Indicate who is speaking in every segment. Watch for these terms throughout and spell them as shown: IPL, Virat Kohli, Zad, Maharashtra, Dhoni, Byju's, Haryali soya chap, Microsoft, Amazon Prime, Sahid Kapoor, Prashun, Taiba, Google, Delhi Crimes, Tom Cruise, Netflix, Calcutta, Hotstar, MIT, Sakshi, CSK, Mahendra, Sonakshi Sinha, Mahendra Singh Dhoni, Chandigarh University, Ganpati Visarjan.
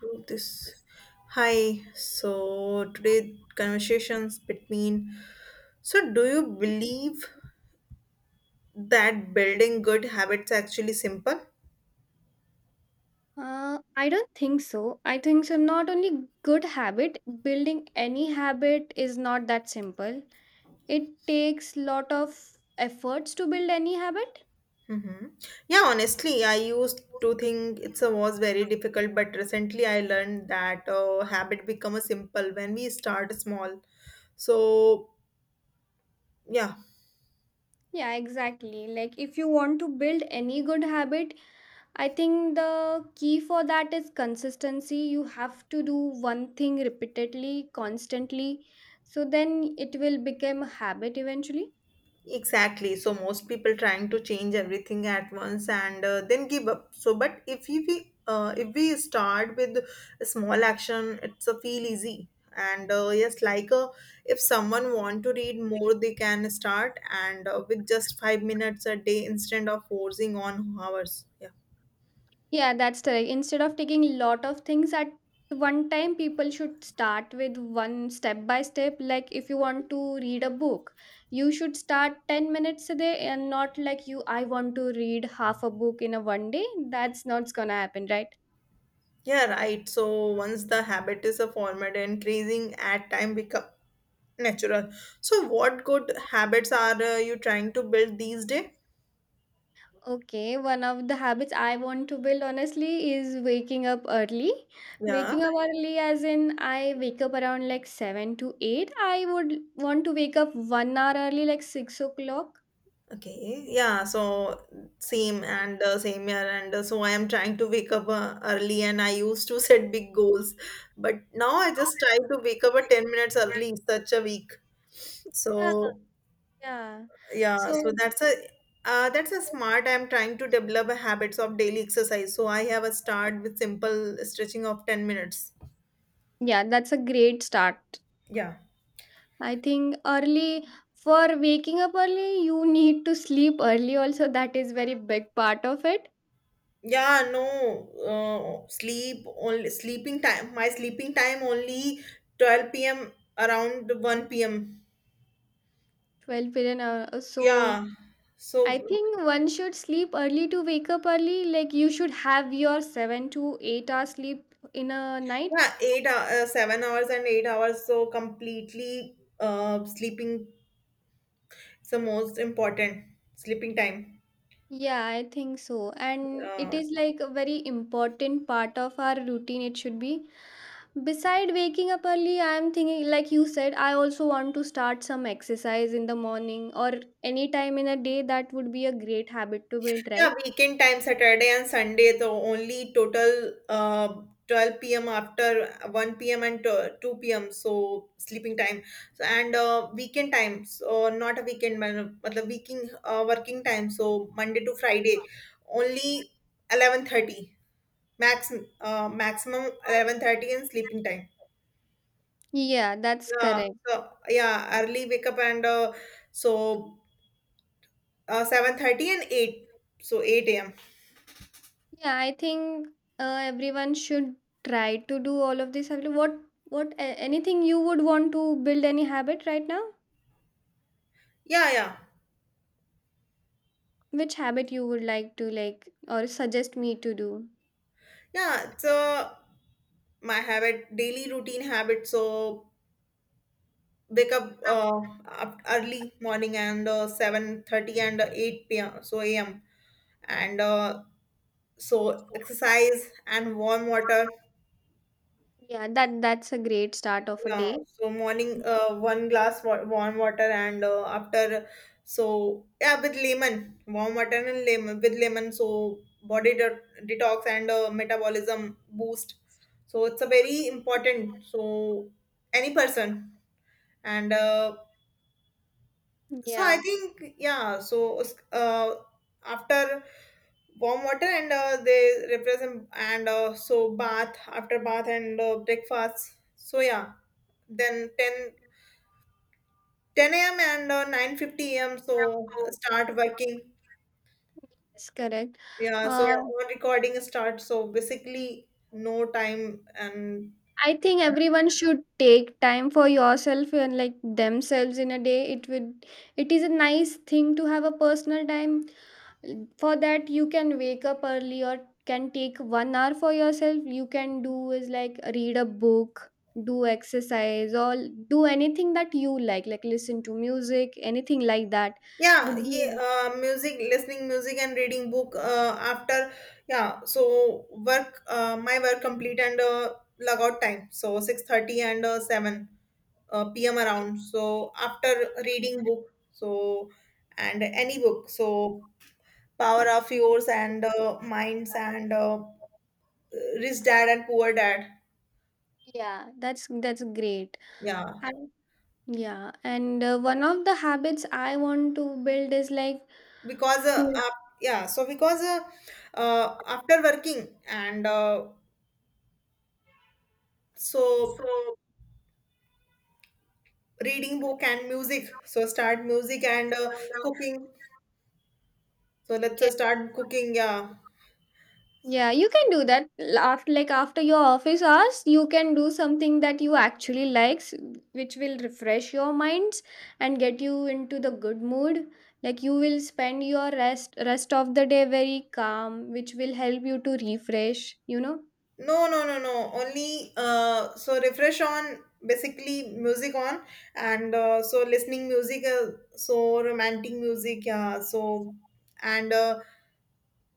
Speaker 1: Do this. Hi. So today, conversations between. So do you believe that building good habits actually simple?
Speaker 2: I don't think so. I think so. Not only good habit, building any habit is not that simple. It takes lot of efforts to build any habit.
Speaker 1: Mm-hmm. Yeah, honestly, I used to think it was very difficult, but recently I learned that habit become a simple when we start small. So yeah.
Speaker 2: Yeah, exactly. Like if you want to build any good habit, I think the key for that is consistency. You have to do one thing repeatedly, constantly. So then it will become a habit eventually.
Speaker 1: Exactly. So most people trying to change everything at once and then give up. So, but if we start with a small action, it's a feel easy. And yes, like if someone want to read more, they can start and with just 5 minutes a day instead of forcing on hours. Yeah,
Speaker 2: Yeah, that's correct. Instead of taking lot of things at one time, people should start with one step by step. Like if you want to read a book, you should start 10 minutes a day and not like you, I want to read half a book in a one day. That's not gonna happen, right?
Speaker 1: yeah, right. So once the habit is a formed, increasing at time become natural. So what good habits are you trying to build these days?
Speaker 2: Okay, one of the habits I want to build honestly is waking up early.
Speaker 1: Yeah.
Speaker 2: Waking up early, as in I wake up around like 7 to 8. I would want to wake up 1 hour early, like 6 o'clock.
Speaker 1: Okay, yeah, so same and same here, and so I am trying to wake up early, and I used to set big goals, but now I just try to wake up at 10 minutes early such a week.
Speaker 2: Yeah.
Speaker 1: So
Speaker 2: Yeah.
Speaker 1: yeah,
Speaker 2: So,
Speaker 1: so that's a smart. I'm trying to develop a habits of daily exercise, so I have a start with simple stretching of 10 minutes.
Speaker 2: yeah, that's a great start.
Speaker 1: Yeah.
Speaker 2: I think early for waking up early, you need to sleep early also. That is very big part of it.
Speaker 1: Yeah, no, sleep only sleeping time. My sleeping time only 12 p.m. around 1 p.m.
Speaker 2: 12 billion hour. So
Speaker 1: Yeah.
Speaker 2: I
Speaker 1: So
Speaker 2: think one should sleep early to wake up early. Like you should have your 7 to 8 hours sleep in a night.
Speaker 1: yeah, 7 hours and 8 hours. So completely sleeping is the most important sleeping time.
Speaker 2: Yeah, I think so. And it
Speaker 1: Uh,
Speaker 2: is like a very important part of our routine. It should be. Beside waking up early, I am thinking, like you said, I also want to start some exercise in the morning or any time in a day. That would be a great habit to build,
Speaker 1: Yeah,
Speaker 2: right?
Speaker 1: weekend time, Saturday and Sunday, the only total 12 p.m. after 1 p.m. and 2 p.m. So sleeping time. So and weekend time, so not a weekend, man, but the weekend working time. So Monday to Friday, only 11:30 max maximum 11:30 and sleeping time.
Speaker 2: Yeah, that's
Speaker 1: Yeah,
Speaker 2: correct.
Speaker 1: so yeah, early wake up and so 7:30 and 8, so 8 a.m.
Speaker 2: Yeah, I think everyone should try to do all of this. Anything you would want to build any habit right now,
Speaker 1: Yeah, yeah.
Speaker 2: which habit you would like to or suggest me to do?
Speaker 1: Yeah, so my habit daily routine habit so wake up early morning and 7:30 and 8 p.m. so am and so exercise and warm water.
Speaker 2: Yeah, that's a great start of a
Speaker 1: Yeah
Speaker 2: day.
Speaker 1: so morning one glass warm water and after so yeah with lemon warm water and lemon with lemon so body de- detox and metabolism boost so it's a very important so any person and so I
Speaker 2: Yeah,
Speaker 1: think yeah so uh, after warm water and they represent and so bath after bath and breakfast so yeah then 10 a.m and 9 a.m so start working.
Speaker 2: that's correct.
Speaker 1: Yeah so
Speaker 2: uh,
Speaker 1: on recording start so basically no time and
Speaker 2: I think everyone should take time for yourself and like themselves in a day. It is a nice thing to have a personal time. For that you can wake up early or can take 1 hour for yourself. You can do is like read a book, do exercise, or do anything that you like listen to music, anything like that
Speaker 1: yeah,
Speaker 2: would be
Speaker 1: yeah,
Speaker 2: like.
Speaker 1: music listening music and reading book after yeah so work my work complete and log out time so 6:30 and 7 pm around so after reading book so and any book so power of yours and minds and rich dad and poor dad.
Speaker 2: Yeah, that's great.
Speaker 1: Yeah
Speaker 2: And yeah, and one of the habits I want to build is like
Speaker 1: because
Speaker 2: to.
Speaker 1: yeah so because uh, after working and so reading book and music so start music and cooking so let's start cooking. Yeah,
Speaker 2: Yeah, you can do that after after your office hours, you can do something that you actually likes, which will refresh your minds and get you into the good mood. Like you will spend your rest of the day very calm, which will help you to refresh.
Speaker 1: no, no, no, no, only so refresh on basically music on and so listening music so romantic music yeah so and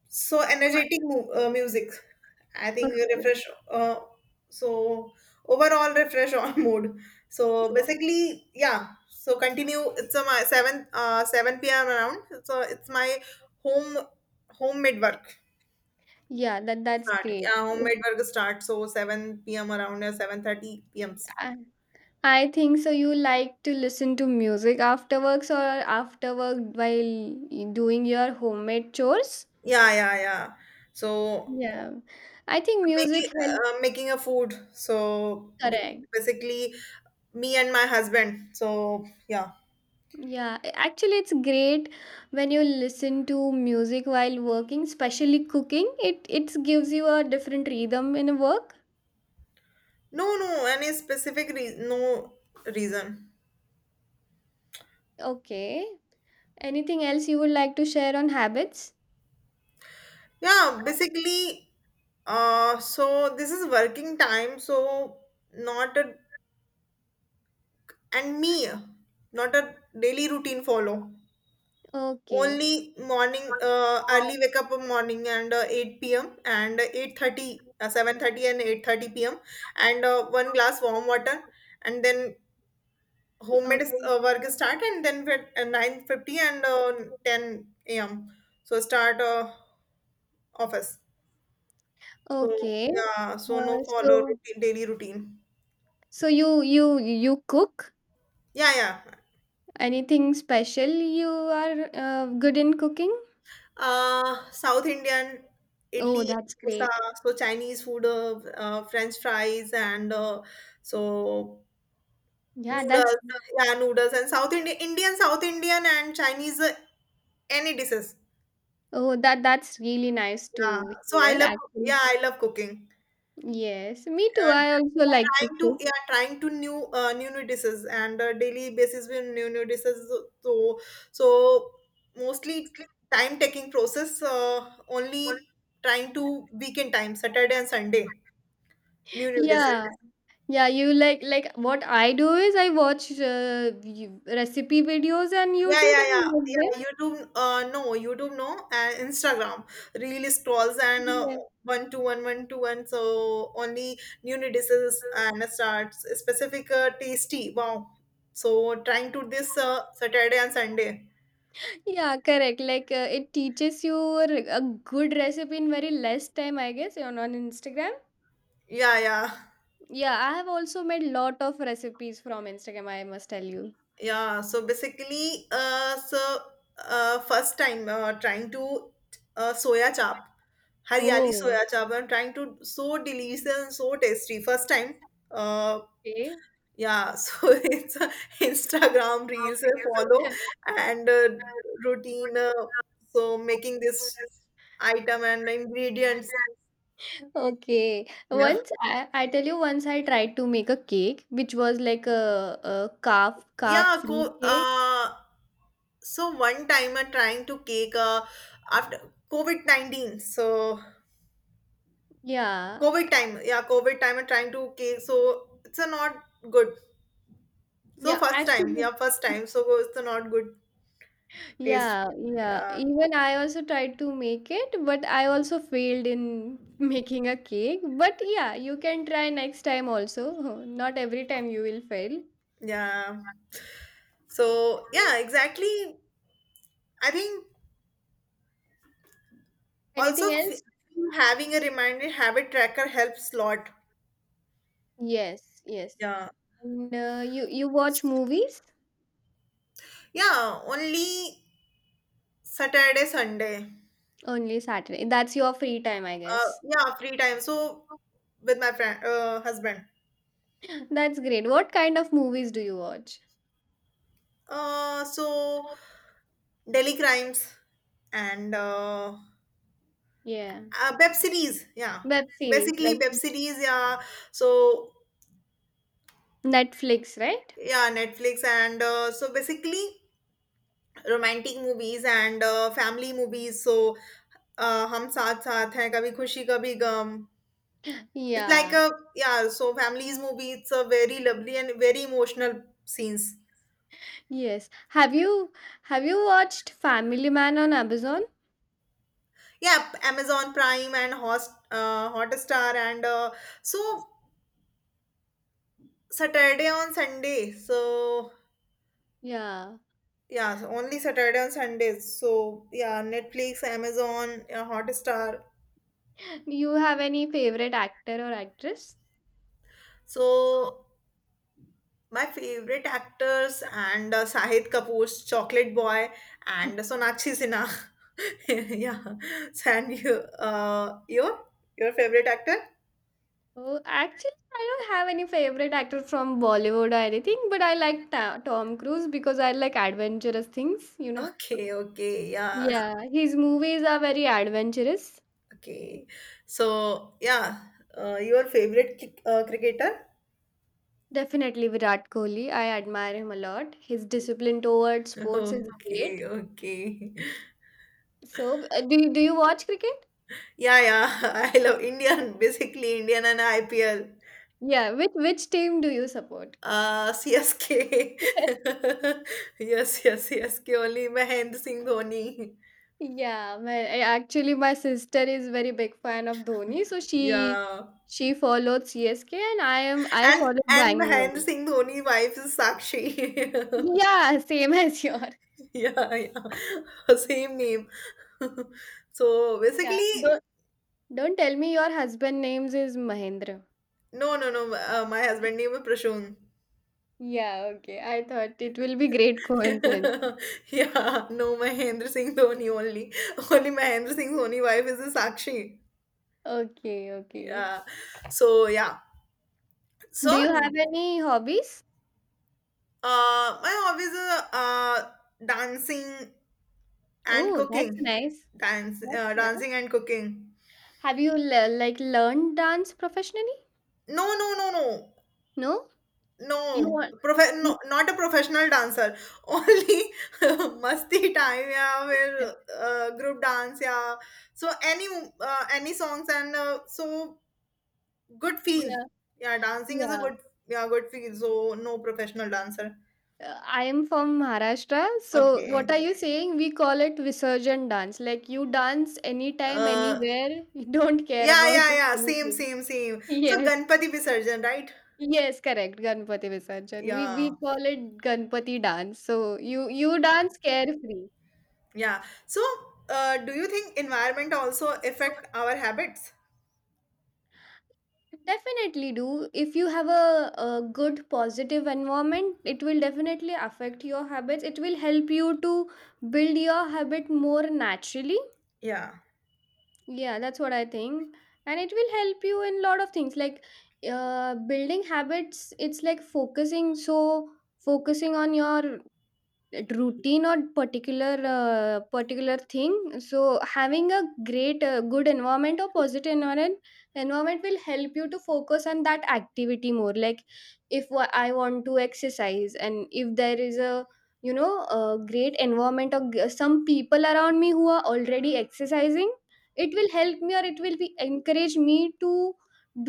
Speaker 1: so energetic music. I think you
Speaker 2: Okay.
Speaker 1: refresh. Uh, so overall refresh on mood. So basically, yeah. So continue. It's a my seven p.m. around. So it's my home homemade work
Speaker 2: Yeah, that's
Speaker 1: start.
Speaker 2: great.
Speaker 1: Yeah, homemade work start. So seven p.m. around or 7:30 p.m.
Speaker 2: I, I think so you like to listen to music after works or after work while doing your homemade chores.
Speaker 1: Yeah, yeah, yeah. So
Speaker 2: Yeah. I think music
Speaker 1: making
Speaker 2: helps.
Speaker 1: making a food. So
Speaker 2: Correct.
Speaker 1: basically, me and my husband. So yeah.
Speaker 2: Yeah, actually, it's great when you listen to music while working, especially cooking. It gives you a different rhythm in a work.
Speaker 1: No, no, any specific reason, no reason.
Speaker 2: Okay. Anything else you would like to share on habits?
Speaker 1: Yeah, basically, so this is working time, so not a, and me, not a daily routine follow.
Speaker 2: Okay.
Speaker 1: Only morning, early wake up in morning and 8 p.m. and 8:30, 7:30 and 8:30 p.m. and one glass warm water and then homemade
Speaker 2: Okay.
Speaker 1: work start and then at 9:50 and 10 a.m. So start office. So
Speaker 2: Okay.
Speaker 1: yeah, so no
Speaker 2: Uh,
Speaker 1: follow
Speaker 2: so
Speaker 1: routine, daily routine.
Speaker 2: so you cook
Speaker 1: Yeah, yeah.
Speaker 2: anything special? You are good in cooking?
Speaker 1: South Indian
Speaker 2: Oh,
Speaker 1: idli,
Speaker 2: that's
Speaker 1: dosa,
Speaker 2: great.
Speaker 1: so Chinese food, French fries, and so
Speaker 2: Yeah, that's
Speaker 1: noodles. Yeah, noodles and South Indian, Indian, South Indian, and Chinese any dishes.
Speaker 2: Oh, that's really nice
Speaker 1: Yeah.
Speaker 2: to
Speaker 1: So I
Speaker 2: hear
Speaker 1: love. Yeah,
Speaker 2: actually.
Speaker 1: I love cooking.
Speaker 2: Yes, me too.
Speaker 1: uh,
Speaker 2: I
Speaker 1: we
Speaker 2: also
Speaker 1: are
Speaker 2: like to cook.
Speaker 1: trying to new new dishes and daily basis with new dishes so so mostly time taking process only trying to weekend time, Saturday and Sunday, new dishes.
Speaker 2: Yeah, yeah. You like What I do is I watch recipe videos on
Speaker 1: Yeah,
Speaker 2: YouTube
Speaker 1: yeah, yeah,
Speaker 2: and make them.
Speaker 1: yeah. YouTube, no, YouTube, no, and Instagram. Reel scrolls and
Speaker 2: Yeah,
Speaker 1: one to one. So only new releases and starts specific tasty. Wow. So trying to this Saturday and Sunday.
Speaker 2: yeah, correct. Like, it teaches you a good recipe in very less time, I guess, on Instagram.
Speaker 1: Yeah, yeah,
Speaker 2: Yeah, I have also made lot of recipes from Instagram. I must tell you.
Speaker 1: yeah. So basically, so first time trying to soya chap, Haryali
Speaker 2: Oh,
Speaker 1: soya chap. I'm trying to so delicious and so tasty. First time. uh
Speaker 2: okay.
Speaker 1: Yeah, so it's Instagram reels I follow and routine. So making this item and ingredients.
Speaker 2: Okay.
Speaker 1: Yeah,
Speaker 2: Once I tell you, once I tried to make a cake, which was like a calf
Speaker 1: yeah.
Speaker 2: free cake.
Speaker 1: So one time I'm trying to cake after COVID 19. So
Speaker 2: Yeah.
Speaker 1: COVID time, yeah, COVID time I'm trying to cake. So it's a not good. So
Speaker 2: Yeah,
Speaker 1: first time, yeah,
Speaker 2: actually,
Speaker 1: first time. So it's a not good taste.
Speaker 2: yeah, yeah.
Speaker 1: Yeah,
Speaker 2: Even I also tried to make it, but I also failed in making a cake. But yeah, you can try next time also. Not every time you will fail.
Speaker 1: yeah. So yeah, exactly. I think.
Speaker 2: Anything
Speaker 1: Also,
Speaker 2: else?
Speaker 1: having a reminder habit tracker helps lot.
Speaker 2: Yes, yes.
Speaker 1: Yeah.
Speaker 2: And you watch movies
Speaker 1: Yeah, only Saturday, Sunday.
Speaker 2: only Saturday. That's your free time, I guess.
Speaker 1: Yeah, free time. So with my friend, husband.
Speaker 2: That's great. What kind of movies do you watch?
Speaker 1: So Delhi Crimes and uh,
Speaker 2: Yeah.
Speaker 1: uh, web series. Yeah,
Speaker 2: Web series
Speaker 1: basically
Speaker 2: like
Speaker 1: web series. Yeah. So
Speaker 2: Netflix, right?
Speaker 1: yeah, Netflix and so basically romantic movies and family movies. So हम साथ साथ हैं कभी खुशी कभी गम. It's like
Speaker 2: Yeah.
Speaker 1: a, yeah, so families movie. It's a very lovely and very emotional scenes.
Speaker 2: Yes. Have you watched Family Man on Amazon?
Speaker 1: Yeah, Amazon Prime and Host Hotstar and so Saturday on Sunday. So
Speaker 2: Yeah.
Speaker 1: yeah, so only Saturday on Sundays. So yeah, Netflix, Amazon, Hotstar.
Speaker 2: Do you have any favorite actor or actress?
Speaker 1: So my favorite actors and Sahid Kapoor's Chocolate Boy and Sonakshi Sinha. Yeah, and you, uh, your your favorite actor?
Speaker 2: Oh, actually, I don't have any favorite actor from Bollywood or anything, but I like Tom Cruise because I like adventurous things, you know?
Speaker 1: Okay, okay, yes,
Speaker 2: Yeah, his movies are very adventurous.
Speaker 1: okay. So, yeah, your favorite cricketer?
Speaker 2: Definitely Virat Kohli. I admire him a lot. His discipline towards sports is
Speaker 1: Okay,
Speaker 2: great.
Speaker 1: okay.
Speaker 2: So, do you watch cricket?
Speaker 1: Yeah, yeah, I love Indian, basically Indian and IPL.
Speaker 2: Yeah, which team do you support?
Speaker 1: CSK. Yes, yes, CSK only Mahendra Singh Dhoni.
Speaker 2: Yeah, actually my sister is very big fan of Dhoni, so she
Speaker 1: Yeah.
Speaker 2: she followed CSK and I
Speaker 1: And
Speaker 2: follow
Speaker 1: and Mahendra
Speaker 2: Bangalore.
Speaker 1: Singh Dhoni wife is Sakshi.
Speaker 2: Yeah, same as yours.
Speaker 1: Yeah, yeah. Same name. So
Speaker 2: Yeah.
Speaker 1: basically.
Speaker 2: Don't tell me your husband names is Mahendra.
Speaker 1: No, no, no. My husband name is Prashun.
Speaker 2: Yeah, okay. I thought it will be great coincidence.
Speaker 1: Yeah, no, Mahendra Singh Dhoni only. Only Mahendra Singh Dhoni wife is the Sakshi.
Speaker 2: Okay, okay.
Speaker 1: Yeah. So yeah. So
Speaker 2: Do you have any hobbies?
Speaker 1: my hobbies are dancing and
Speaker 2: Oh, that's
Speaker 1: cooking.
Speaker 2: nice.
Speaker 1: Dance,
Speaker 2: That's
Speaker 1: uh,
Speaker 2: nice.
Speaker 1: dancing and cooking.
Speaker 2: Have you like learned dance professionally?
Speaker 1: No, no, no, no.
Speaker 2: No? You
Speaker 1: No,
Speaker 2: want
Speaker 1: no,
Speaker 2: you,
Speaker 1: not a professional dancer. Only masti time या फिर group dance या so any songs and so good feel.
Speaker 2: yeah,
Speaker 1: Yeah, dancing is a
Speaker 2: yeah.
Speaker 1: good, yeah, good feel. So no professional dancer.
Speaker 2: I am from Maharashtra, so
Speaker 1: Okay.
Speaker 2: what are you saying? We call it Visarjan dance. Like you dance anytime,
Speaker 1: Uh,
Speaker 2: anywhere. You don't care
Speaker 1: yeah,
Speaker 2: about
Speaker 1: yeah, yeah. Same,
Speaker 2: anything.
Speaker 1: same, same. So
Speaker 2: Yes.
Speaker 1: Ganpati Visarjan, right?
Speaker 2: Yes, correct. Ganpati Visarjan. We
Speaker 1: Yeah,
Speaker 2: we call it Ganpati dance. So you dance carefree.
Speaker 1: yeah. So do you think environment also affect our habits?
Speaker 2: Definitely do. If you have a good positive environment, it will definitely affect your habits. It will help you to build your habit more naturally.
Speaker 1: Yeah.
Speaker 2: Yeah, that's what I think. And it will help you in lot of things like building habits. It's like focusing. So focusing on your routine or particular thing, so having a great good environment or positive environment will help you to focus on that activity more, like if I want to exercise and if there is a you know a great environment or some people around me who are already exercising, it will help me, or it will be encourage me to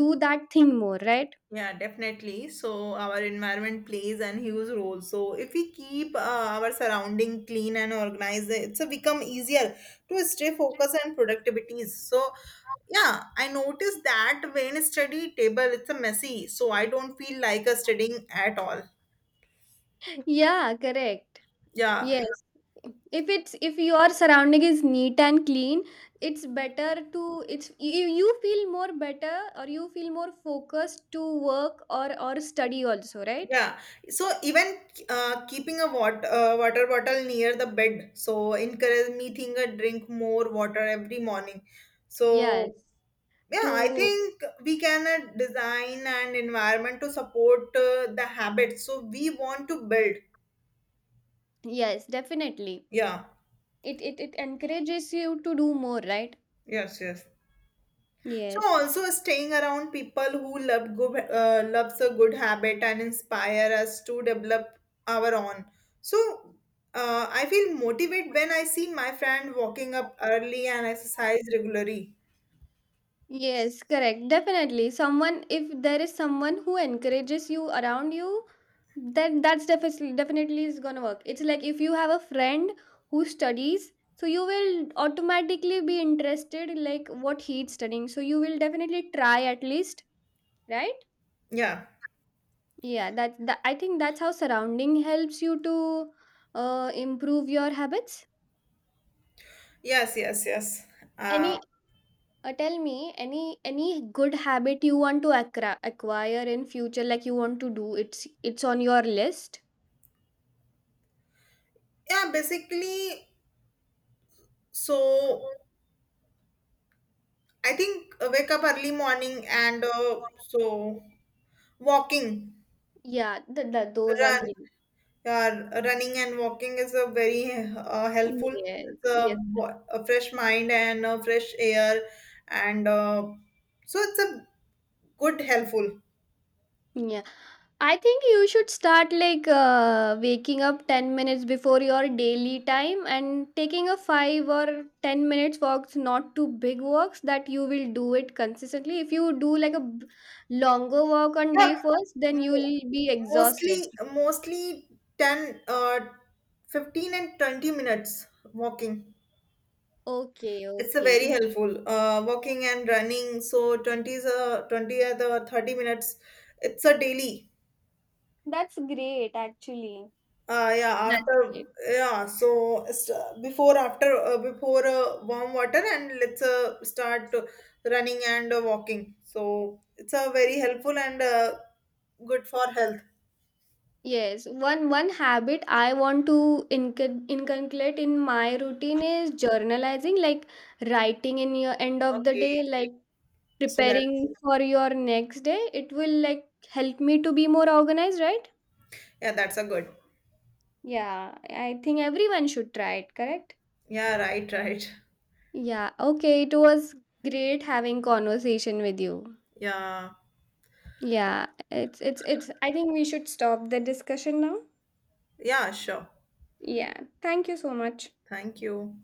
Speaker 2: do that thing more, right?
Speaker 1: Yeah, definitely. So our environment plays an huge role. So if we keep our surrounding clean and organized, it's a become easier to stay focused and productivity. So yeah, I noticed that when study table it's a messy, so I don't feel like a studying at all.
Speaker 2: Yeah, correct.
Speaker 1: Yeah,
Speaker 2: Yes. If your surrounding is neat and clean, it's better to it's you feel more better, or you feel more focused to work or study also, right?
Speaker 1: yeah. So even keeping a water bottle near the bed, so encourage me think drink more water every morning. So.
Speaker 2: Yes.
Speaker 1: Yeah, I
Speaker 2: To
Speaker 1: think we can design an environment to support the habits. So we want to build.
Speaker 2: Yes, definitely.
Speaker 1: Yeah.
Speaker 2: It encourages you to do more, right?
Speaker 1: Yes. Yes. So
Speaker 2: Yes.
Speaker 1: also staying around people who loves a good habit and inspire us to develop our own. So I feel motivated when I see my friend walking up early and exercise regularly.
Speaker 2: Yes, correct. Definitely. Someone If there is someone who encourages you around you, then that's definitely is gonna work. It's like if you have a friend who studies, so you will automatically be interested like what he's studying. So you will definitely try at least, right?
Speaker 1: Yeah.
Speaker 2: Yeah, that, that I think that's how surrounding helps you to improve your habits.
Speaker 1: Yes. Yes. Yes. Uh,
Speaker 2: Any tell me any good habit you want to acquire in future, like you want to do. It's on your list.
Speaker 1: yeah. Basically, so. I think wake up early morning and so walking,
Speaker 2: Yeah, those are
Speaker 1: run,
Speaker 2: great.
Speaker 1: yeah, running and walking is a very helpful.
Speaker 2: Yes,
Speaker 1: It's a,
Speaker 2: yes,
Speaker 1: a fresh mind and fresh air, and so it's a good helpful.
Speaker 2: yeah. I think you should start waking up 10 minutes before your daily time and taking a 5 or 10 minutes walks, not too big walks. That you will do it consistently. If you do like longer walk on
Speaker 1: Yeah,
Speaker 2: day first, then
Speaker 1: mo-
Speaker 2: you'll be exhausted.
Speaker 1: mostly 10, 15 and 20 minutes walking.
Speaker 2: Okay,
Speaker 1: It's a
Speaker 2: okay.
Speaker 1: very helpful. Walking and running. So 20 is a 20 at the 30 minutes. It's a daily.
Speaker 2: That's great, actually.
Speaker 1: Yeah,
Speaker 2: That's
Speaker 1: after
Speaker 2: great.
Speaker 1: yeah. So it's, before after before warm water and let's start running and walking. So it's a very helpful and good for health.
Speaker 2: Yes, one habit I want to inculcate in my routine is journalizing, like writing in your end of the
Speaker 1: Okay.
Speaker 2: day, like
Speaker 1: So that
Speaker 2: preparing for your next day. It will like help me to be more organized, right?
Speaker 1: yeah, that's a good.
Speaker 2: Yeah, I think everyone should try it, correct?
Speaker 1: Yeah. Right. Right.
Speaker 2: Yeah, okay, it was great having conversation with you.
Speaker 1: Yeah.
Speaker 2: Yeah, it's I think we should stop the discussion now.
Speaker 1: Yeah. Sure.
Speaker 2: Yeah, thank you so much.
Speaker 1: Thank you.